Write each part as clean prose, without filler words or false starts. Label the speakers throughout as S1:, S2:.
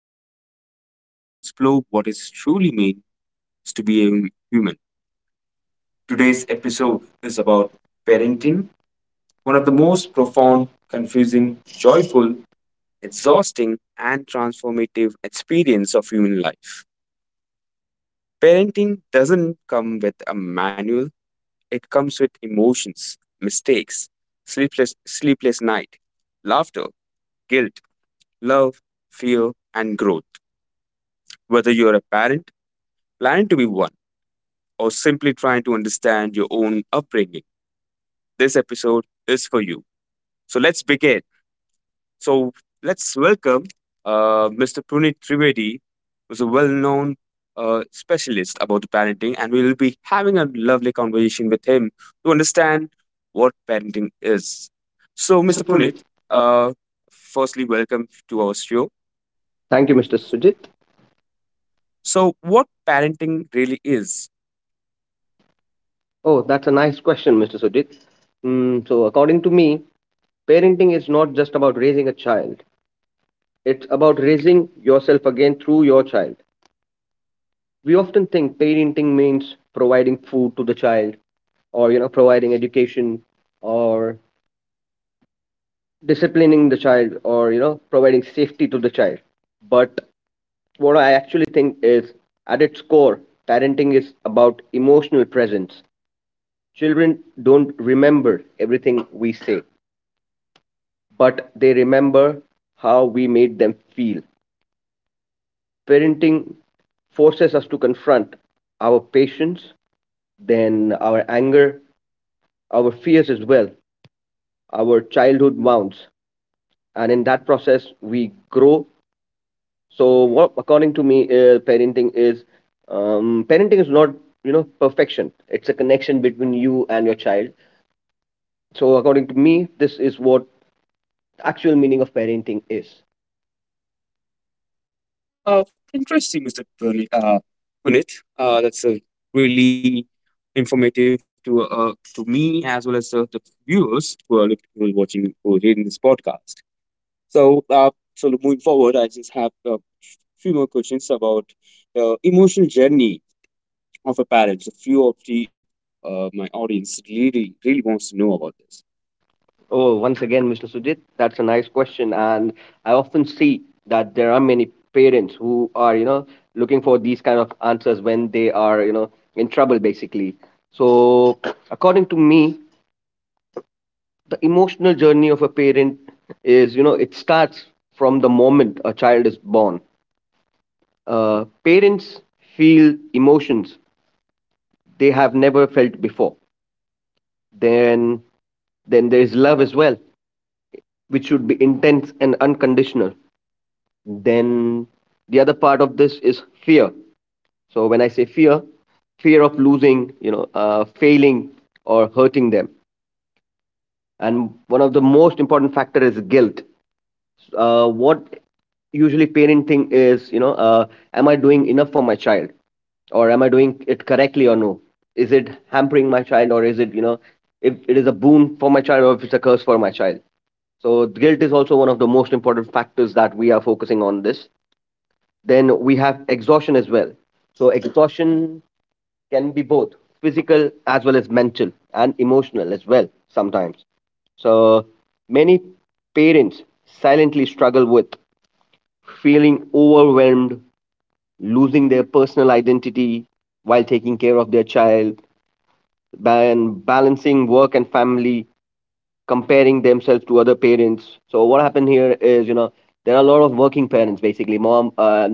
S1: podcast where we explore what it truly means to be a human.
S2: Today's
S1: Today's episode
S2: episode
S1: is
S2: is
S1: about
S2: about
S1: parenting,
S2: parenting,
S1: one
S2: one
S1: of
S2: of
S1: the
S2: the
S1: most
S2: most
S1: profound,
S2: profound,
S1: confusing,
S2: confusing,
S1: joyful,
S2: joyful, its all.
S1: exhausting, and transformative experience of human life. Parenting doesn't come with a manual, it comes with emotions, mistakes, sleepless night, laughter, guilt, love, fear, and growth. Whether you're a parent, planning to be one, or simply trying to understand your own upbringing, this episode is for you. So let's begin. So let's welcome Mr. Puneet Trivedi, who's a well known specialist about the parenting, and we will be having a lovely conversation with him to understand what parenting is.
S2: So,
S1: So,
S2: Mr.
S1: Mr.
S2: Punit.
S1: Puneet, uh, firstly, welcome to our show.
S2: Thank
S1: Thank
S2: you,
S1: you,
S2: Mr.
S1: Mr. Sidhu.
S2: Sujit.
S1: So, what parenting really is?
S2: Oh, that's a nice question, Mr. Sujit. Mm, so, according to me, parenting is not just about raising a child, it's about raising yourself again through your child. We often think parenting means providing food to the child, or providing education, or disciplining the child, or providing safety to the child. But what I actually think is, at its core, parenting is about emotional presence. Children don't remember everything we say, but they remember how we made them feel. Parenting forces us to confront our patience, then our anger, our fears as well, our childhood wounds. And in that process, we grow. So what according to me, parenting is not perfection. It's a connection between you and your child. So according to me, this is what actual meaning of parenting is.
S1: Interesting, Mr. Punit. That's really informative to me as well as the viewers who are who are watching, who are reading this podcast. So, uh, so look, moving forward, I just have a few more questions about the emotional journey of a parent. So, few of the my audience really wants to know about this.
S2: Oh, once again, Mr. Sujit, that's a nice question, and I often see that there are many parents who are looking for these kind of answers when they are in trouble basically. So according to me, the emotional journey of a parent is, it starts from the moment a child is born. Parents feel emotions they have never felt before. Then then there is love as well, which should be intense and unconditional. Then the other part of this is fear. So when I say fear, fear of losing, failing, or hurting them. And one of the most important factor is guilt. What usually parenting is, am I doing enough for my child, or am I doing it correctly or no? Is it hampering my child, or is it, if it is a boon for my child, or if it's a curse for my child? So guilt is also one of the most important factors that we are focusing on this. Then we have exhaustion as well. So exhaustion can be both physical as well as mental and emotional as well. Sometimes so many parents silently struggle with feeling overwhelmed, losing their personal identity while taking care of their child, and balancing work and family, comparing themselves to other parents. So what happened here is, there are a lot of working parents basically. Mom,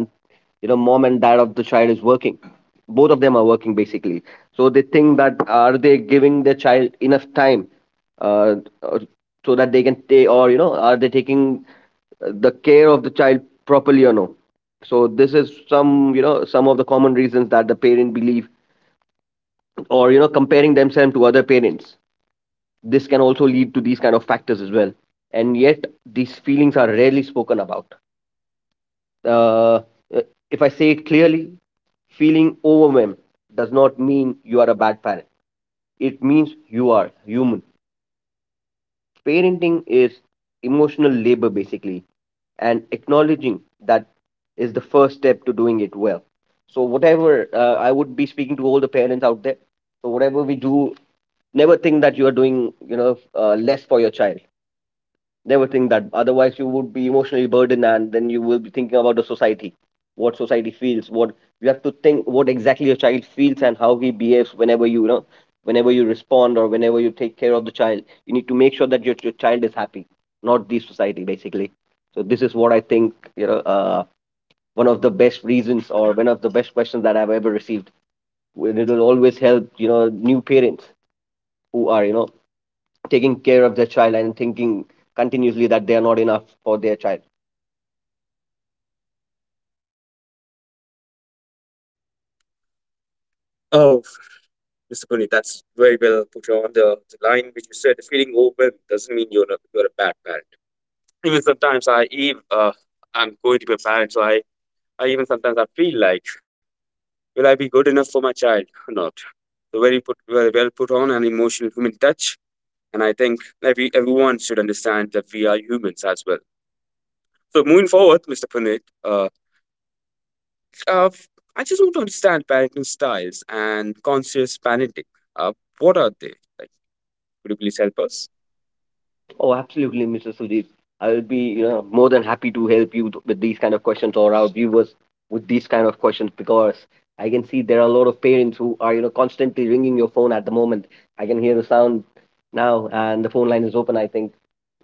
S2: mom and dad of the child is working. Both of them are working basically. So they think that are they giving their child enough time, uh, uh, so that they can stay, or are they taking the care of the child properly or no? So this is some, some of the common reasons that the parent believe, or comparing themselves to other parents. This can also lead to these kind of factors as well. And yet these feelings are rarely spoken about. uh, if I say it clearly, feeling overwhelmed does not mean you are a bad parent. It means you are human. Parenting is emotional labor basically, and acknowledging that is the first step to doing it well. So whatever, I would be speaking to all the parents out there, so whatever we do, never think that you are doing, less for your child. They will think that. Otherwise, you would be emotionally burdened, and then you will be thinking about the society, what society feels, what you have to think, what exactly your child feels, and how he behaves whenever you, whenever you respond or whenever you take care of the child. You need to make sure that your child is happy, not the society, basically. So this is what I think, one of the best reasons or one of the best questions that I've ever received. It'll always help, new parents who are, taking care of their child and thinking continuously that they are not enough for their child.
S1: Oh, Mr. Punit, that's very well put on the line which you said. Feeling open doesn't mean you're a bad parent. Even sometimes I'm going to be a parent, so I even sometimes I feel like, will I be good enough for my child or not? So very put very well put on an emotional human touch, and I think everyone should understand that we are humans as well. So moving forward, Mr. Puneet, uh, I just want to understand parenting styles and conscious parenting. Uh, what are they? Like, could you please help us?
S2: Oh, absolutely, Mr. Sudeep. I will be, more than happy to help you with these kind of questions, or our viewers with these kind of questions, because I can see there are a lot of parents who are, constantly ringing your phone at the moment. I can hear the sound now, and the phone line is open. I think,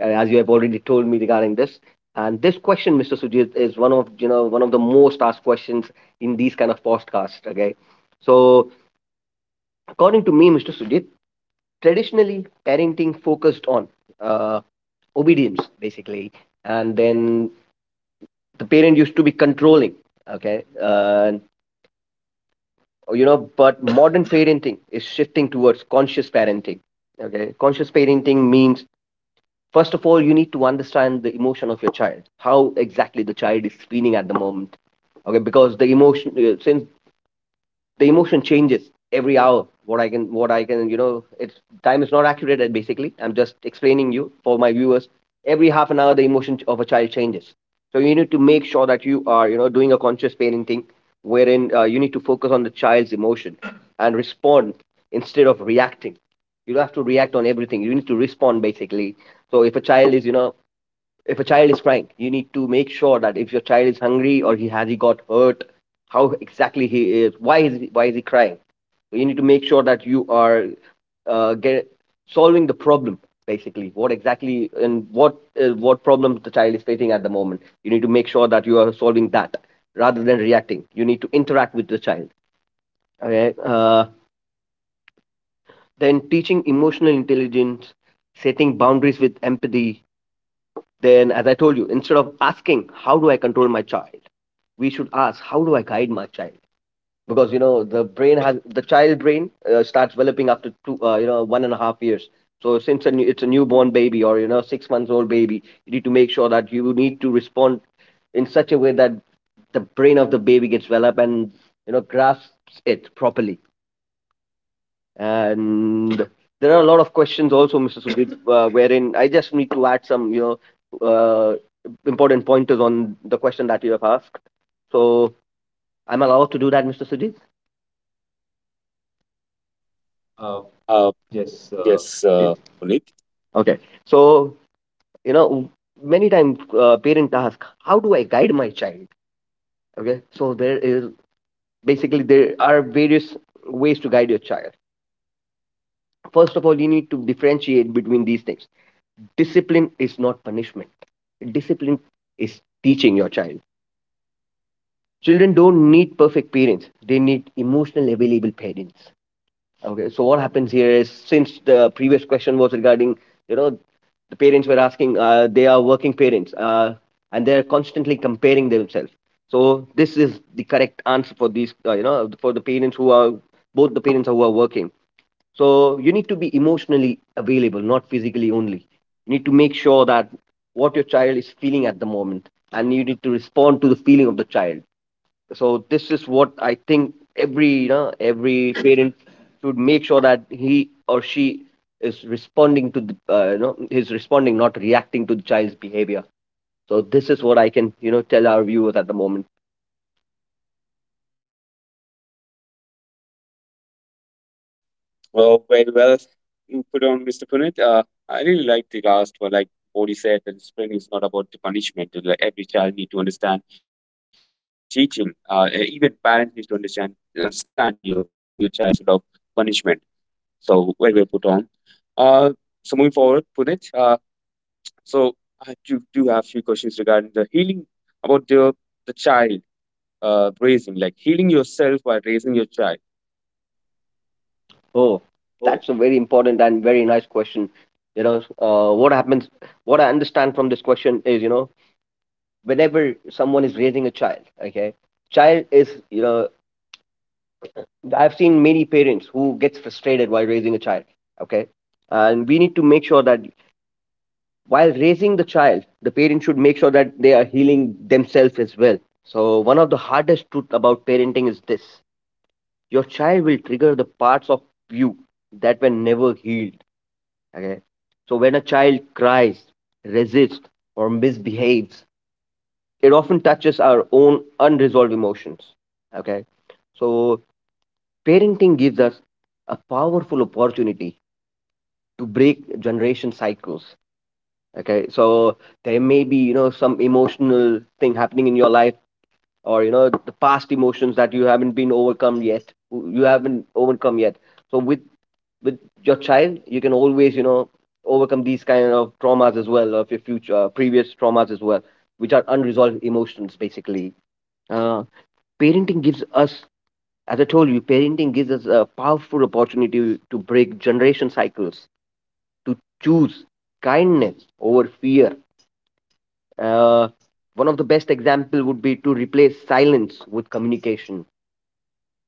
S2: as you have already told me regarding this. And this question, Mr. Sujit, is one of, one of the most asked questions in these kind of podcasts. Okay, so according to me, Mr. Sujit, traditionally parenting focused on, uh, obedience basically, and then the parent used to be controlling. Okay, but modern parenting is shifting towards conscious parenting. Okay, conscious parenting means first of all you need to understand the emotion of your child, how exactly the child is feeling at the moment. Okay, because the emotion, since the emotion changes every hour, what I can, it's time is not accurate, basically I'm just explaining you for my viewers. Every half an hour the emotion of a child changes. So you need to make sure that you are, doing a conscious parenting, wherein you need to focus on the child's emotion and respond instead of reacting. You don't have to react on everything, you need to respond basically. So if a child is, if a child is crying, you need to make sure that if your child is hungry or he got hurt, how exactly he is, why is he crying. So you need to make sure that you are, get solving the problem basically. What exactly and what, what problem the child is facing at the moment, you need to make sure that you are solving that, rather than reacting. You need to interact with the child. Okay, then teaching emotional intelligence, setting boundaries with empathy. Then, as I told you, instead of asking, how do I control my child? We should ask, how do I guide my child? Because, the brain has, the child brain starts developing after two, 1.5 years. So since a new, it's a newborn baby or, 6 months old baby, you need to make sure that you need to respond in such a way that the brain of the baby gets developed and, grasps it properly. And there are a lot of questions also, Mr. Sudhir, wherein I just need to add some, know, uh, important pointers on the question that you have asked. So I'm allowed to do that, Mr. Sudhir. Uh,
S1: Uh,
S2: yes,
S1: yes, uh, Puneet.
S2: okay. So you know, many times parent ask, "How do I guide my child?" Okay. So there is, basically there are various ways to guide your child. First of all, you need to differentiate between these things. Discipline is not punishment. Discipline is teaching your child. Children don't need perfect parents. They need emotional available parents. Okay, so what happens here is since the previous question was regarding, you know, the parents were asking, they are working parents, and they are constantly comparing themselves. So this is the correct answer for these, for the parents who are both the parents who are working. So you need to be emotionally available, not physically only. You need to make sure that what your child is feeling at the moment, and you need to respond to the feeling of the child. So this is what I think every, every parent should make sure that he or she is responding to the, is responding not reacting to the child's behavior. So this is what I can, tell our viewers at the moment.
S1: Well, very well you put on, Mr. Puneet. I really like the last one, like Bodhi said, that discipline is not about the punishment. And, like every child need to understand. It's about the teaching. Even parents need to understand you're teaching your child instead of punishment. So very well put on. Uh, so moving forward, Puneet. So I do have few questions regarding the healing about the child raising, like healing yourself while raising your child.
S2: Oh, that's a very important and very nice question. You know, what happens. What I understand from this question is, whenever someone is raising a child, okay, child is, I've seen many parents who gets frustrated while raising a child. Okay, and we need to make sure that while raising the child, the parent should make sure that they are healing themselves as well. So one of the hardest truth about parenting is this: your child will trigger the parts of you that were never healed. Okay, so when a child cries, resists, or misbehaves, it often touches our own unresolved emotions. Okay, so parenting gives us a powerful opportunity to break generation cycles. Okay, so there may be, you know, some emotional thing happening in your life, or, you know, the past emotions that you haven't overcome yet. So with your child you can always, you know, overcome these kind of traumas as well of your future, previous traumas as well, which are unresolved emotions basically. uh, Parenting gives us, as I told you, parenting gives us a powerful opportunity to break generation cycles, to choose kindness over fear. Uh, One of the best example would be to replace silence with communication.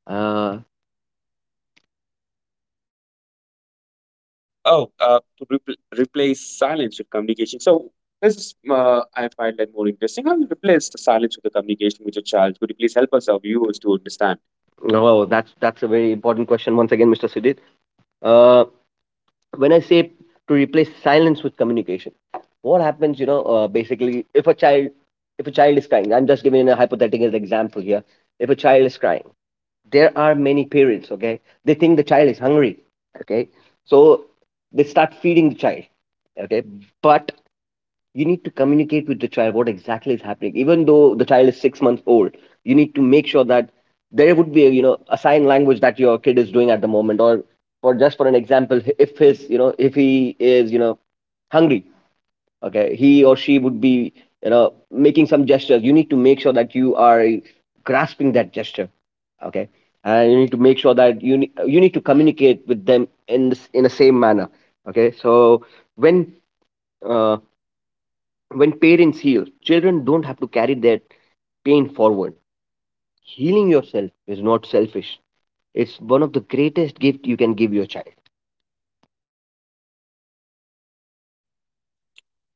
S2: Uh,
S1: Oh, to replace silence with communication. So this is, I find that more interesting. How you replace the silence with the communication with your child? Could you please help us, our viewers, to understand?
S2: oh, that's a very important question once again, Mr. Sudhir. Uh, when I say to replace silence with communication, what happens? You know, basically, if a child is crying, I'm just giving a hypothetical example here. If a child is crying, there are many parents, okay, they think the child is hungry. Okay, so they start feeding the child. Okay, but you need to communicate with the child what exactly is happening, even though the child is 6 months old. You need to make sure that there would be, you know, a sign language that your kid is doing at the moment, or for just for an example, if his, you know, if he is, you know, hungry. Okay, he or she would be, you know, making some gestures. You need to make sure that you are grasping that gesture. Okay, and you need to make sure that you need to communicate with them in the same manner. Okay, so when, uh, when parents heal, children don't have to carry that pain forward. Healing yourself is not selfish. It's one of the greatest gift you can give your child.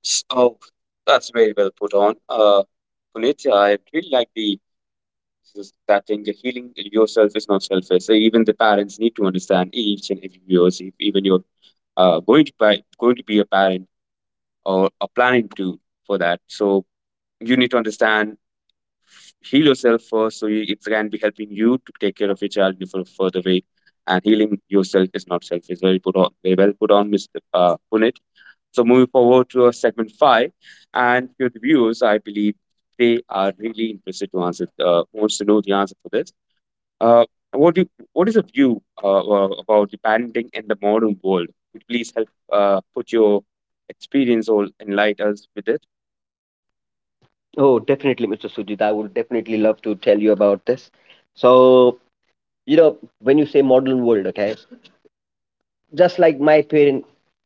S1: Oh, that's very well put on. Puneet, I really like the that thing. The healing yourself is not selfish. So even the parents need to understand each and every viewers, if even you're going to be a parent or are planning to for that. So you need to understand heal yourself first so it can be helping you to take care of your child in a further way, and healing yourself is not selfish. Very put on, very well put on, Mr. Punit. So moving forward to our segment five, and your viewers I believe they are really interested to answer, wants to know the answer for this. uh, what is your view about the parenting in the modern world? Could you please help put your experience or enlighten us with it?
S2: Oh, definitely, Mr. Sujit, I would definitely love to tell you about this. So, you know, when you say modern world, okay, just like my parent,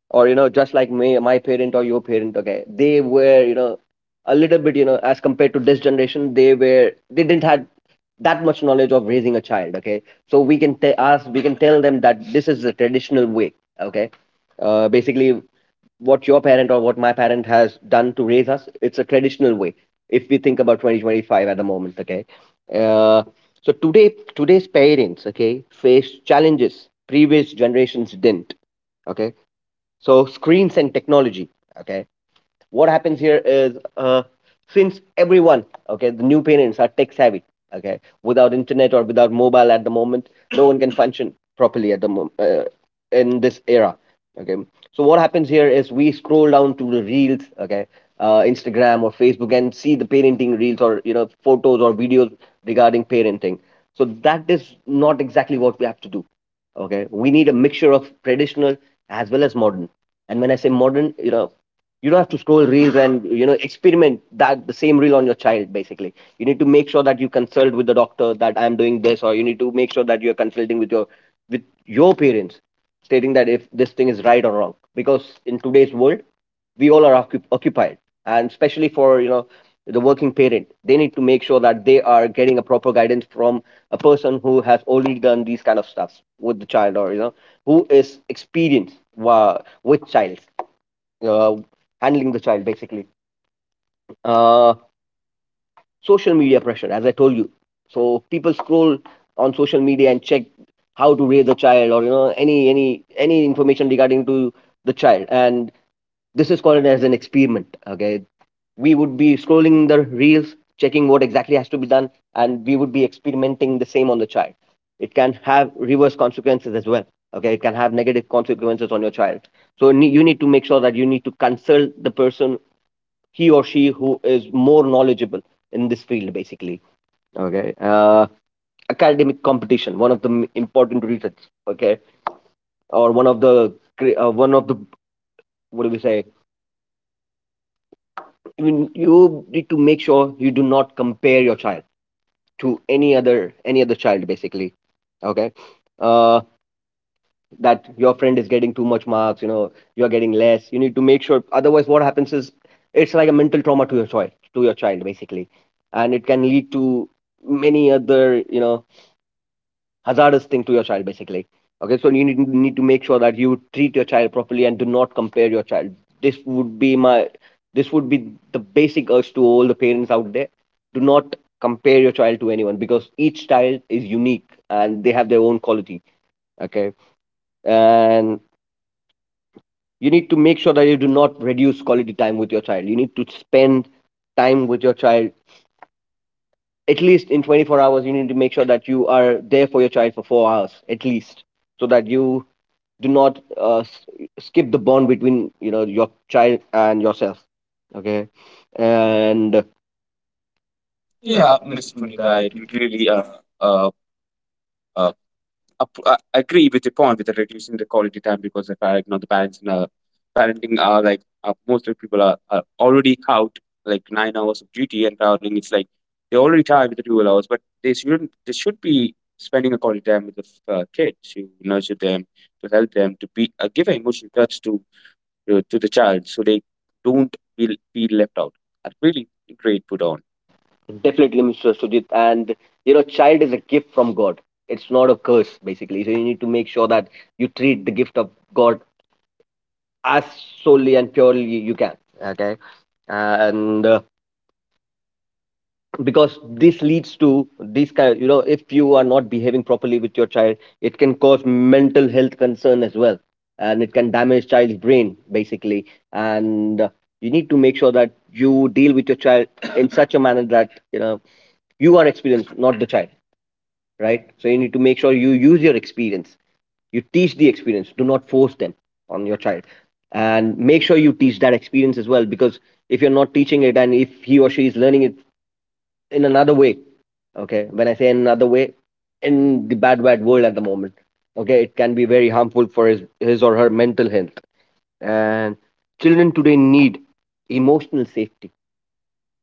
S2: or, you know, just like me, my parent or your parent, okay, they were, you know, a little bit, you know, as compared to this generation, they were, they didn't have that much knowledge of raising a child. Okay, so we can tell them that this is the traditional way. Okay, basically, what your parent or what my parent has done to raise us, it's a traditional way. If we think about 2025 at the moment, okay, uh, so today's parents, okay, face challenges previous generations didn't. Okay, so screens and technology. Okay, what happens here is, since everyone, okay, the new parents are tech savvy. Okay, without internet or without mobile at the moment, no one can function properly at the moment, in this era. Okay, so what happens here is we scroll down to the reels. Okay, Instagram or Facebook, and see the parenting reels, or, you know, photos or videos regarding parenting. So that is not exactly what we have to do. Okay, we need a mixture of traditional as well as modern. And when I say modern, you know, you don't have to scroll reels and, you know, experiment that the same reel on your child. Basically, you need to make sure that you consult with the doctor that I'm doing this, or you need to make sure that you're consulting with your parents, stating that if this thing is right or wrong. Because in today's world, we all are occupied, and especially for, you know, the working parent, they need to make sure that they are getting a proper guidance from a person who has already done these kind of stuffs with the child, or, you know, who is with child, uh, handling the child basically. uh, Social media pressure, as I told you, so people scroll on social media and check how to raise a child, or, you know, any information regarding to the child, and this is called as an experiment. Okay, we would be scrolling the reels, checking what exactly has to be done, and we would be experimenting the same on the child. It can have reverse consequences as well. Okay, it can have negative consequences on your child. So you need to make sure that you need to consult the person, he or she, who is more knowledgeable in this field, basically. Okay, academic competition, one of the important reasons. Okay, or one of the one of the, what do we say, you need to make sure you do not compare your child to any other child basically. Okay, uh, that your friend is getting too much marks, you know, you're getting less, you need to make sure, otherwise what happens is, it's like a mental trauma to your child, to your child basically, and it can lead to many other, you know, hazardous thing to your child basically. Okay, so need to make sure that you treat your child properly and do not compare your child. This would be my, this would be the basic urge to all the parents out there. Do not compare your child to anyone, because each child is unique and they have their own quality. Okay, and you need to make sure that you do not reduce quality time with your child. You need to spend time with your child. At least in 24 hours, you need to make sure that you are there for your child for 4 hours at least, so that you do not skip the bond between, you know, your child and yourself. Okay, and
S1: Yeah,
S2: yeah, Mr.
S1: Mr.
S2: Puneet,
S1: Punit,
S2: I
S1: I do
S2: completely.
S1: really uh, uh, agree with your point with the reducing the quality time, because if I you the parents in parenting are like most of the people are already out like 9 hours of duty and traveling. It's like they're already tired with the 2 hours, but they shouldn't. They should be spending a quality time with the kids to nurture them, to help them, to be give an emotional touch to to the child so they don't feel left out. I really great put on.
S2: Definitely, Mr. Sujit, and, you know, child is a gift from God. It's not a curse basically, so you need to make sure that you treat the gift of God as solely and purely you can. Okay, and because this leads to this kind, you know, if you are not behaving properly with your child, it can cause mental health concern as well, and it can damage child's brain basically. And you need to make sure that you deal with your child in such a manner that, you know, you are experienced, not the child, right? So you need to make sure you use your experience, you teach the experience, do not force them on your child, and make sure you teach that experience as well, because if you're not teaching it, and if he or she is learning it in another way. Okay, when I say in another way, in the bad bad world at the moment. Okay, it can be very harmful for his or her mental health. And children today need emotional safety,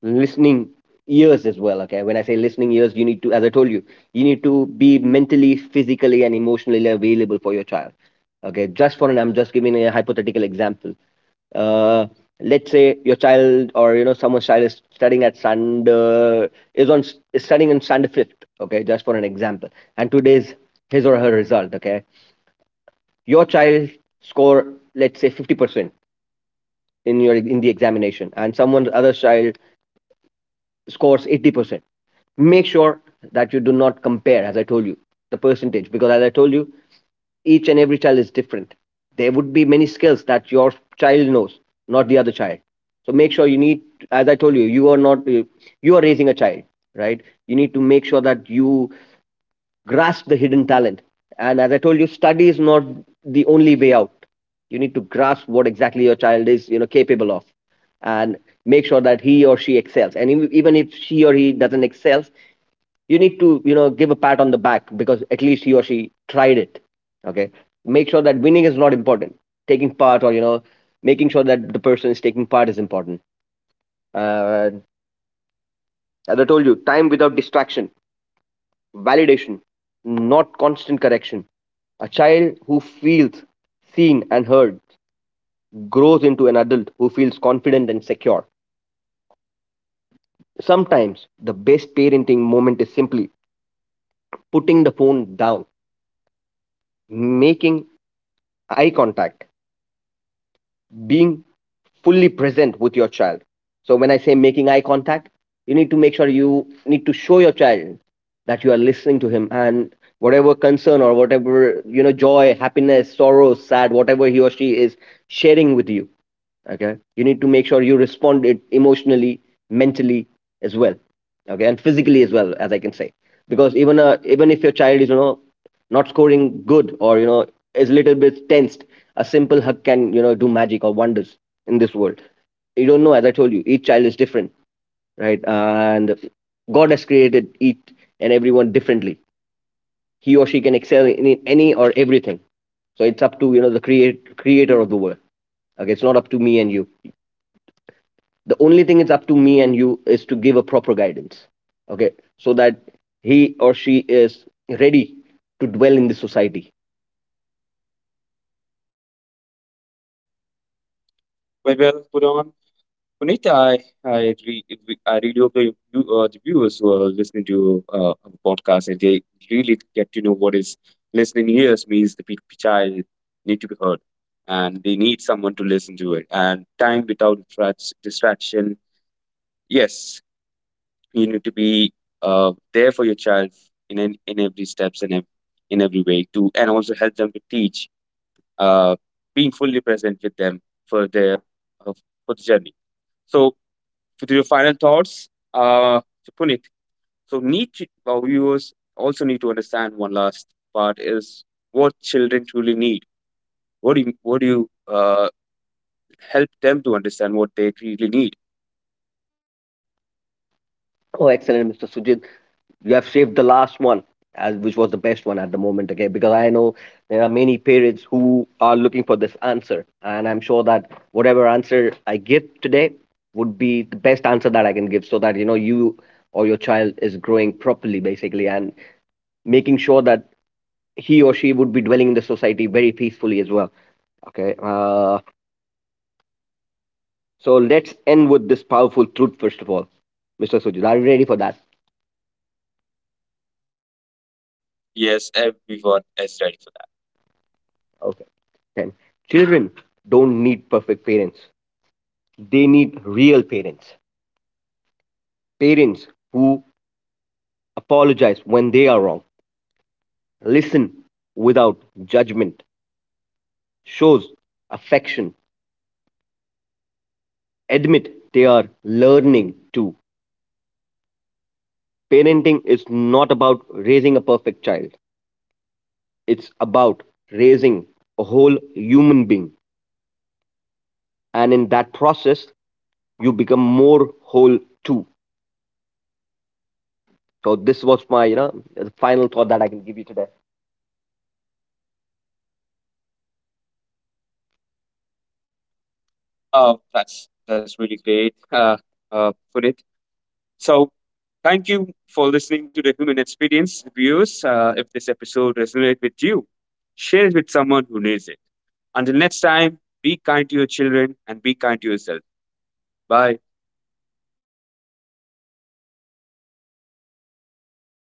S2: listening ears as well. Okay, when I say listening ears, you need to, as I told you, you need to be mentally, physically, and emotionally available for your child. Okay, just for an I'm just giving a hypothetical example. uh let's say your child, or, you know, someone's child is studying at stand is on is studying in standard fifth. Okay, just for an example. And today's his or her result, okay, your child score, let's say, 50% in your in the examination, and someone other child scores 80%. Make sure that you do not compare, as I told you, the percentage, because as I told you, each and every child is different. There would be many skills that your child knows, not the other child. So make sure you need, as I told you, you are not, you are raising a child, right? You need to make sure that you grasp the hidden talent. And as I told you, study is not the only way out. You need to grasp what exactly your child is, you know, capable of, and make sure that he or she excels. And even if she or he doesn't excel, you need to, you know, give a pat on the back, because at least he or she tried it. Okay. Make sure that winning is not important. Taking part, or, you know, making sure that the person is taking part is important. Uh, as I told you, time without distraction, validation, not constant correction. A child who feels seen and heard grows into an adult who feels confident and secure. Sometimes the best parenting moment is simply putting the phone down, making eye contact, being fully present with your child. So when I say making eye contact, you need to make sure you need to show your child that you are listening to him, and whatever concern, or whatever, you know, joy, happiness, sorrow, sad, whatever he or she is sharing with you. Okay, you need to make sure you respond it emotionally, mentally as well, okay, and physically as well, as I can say. Because even, even if your child is, you know, not scoring good, or, you know, is a little bit tensed, a simple hug can, you know, do magic or wonders in this world. You don't know, as I told you, each child is different, right? And God has created each and everyone differently. He or she can excel in any or everything. So it's up to, you know, the creator of the world. Okay, it's not up to me and you. The only thing it's up to me and you is to give a proper guidance. Okay, so that he or she is ready to dwell in this society.
S1: Very well put on. Puneet, I really hope the viewers who are listening to our podcast and they really get to know what is listening ears means. The child need to be heard, and they need someone to listen to it. And time without distraction. Yes, you need to be there for your child in every steps and in every way to, and also help them to teach. Uh, Being fully present with them for their uh, for the journey. So with your final thoughts, uh, Puneet. So, need to, our viewers also need to understand one last part is what children truly need. What do you help them to understand what they really need?
S2: Oh, excellent, Mr. Sujit, you have saved the last one as which was the best one at the moment. Okay, because I know there are many parents who are looking for this answer, and I'm sure that whatever answer I give today would be the best answer that I can give, so that, you know, you or your child is growing properly basically, and making sure that he or she would be dwelling in the society very peacefully as well. Okay. So let's end with this powerful truth, first of all, Mr. Sujit. Are you ready for that?
S1: Yes, everyone is ready for that.
S2: Okay. Then children don't need perfect parents. They need real parents. Parents who apologize when they are wrong, listen without judgment, shows affection, admit they are learning too. Parenting is not about raising a perfect child. It's about raising a whole human being, and in that process, you become more whole too. So this was my, you know, the final thought that I can give you today.
S1: Oh, that's really great, Puneet. So, thank you for listening to the Human Experience Reviews. If this episode resonated with you, share it with someone who needs it. Until next time, be kind to your children and be kind to yourself. Bye.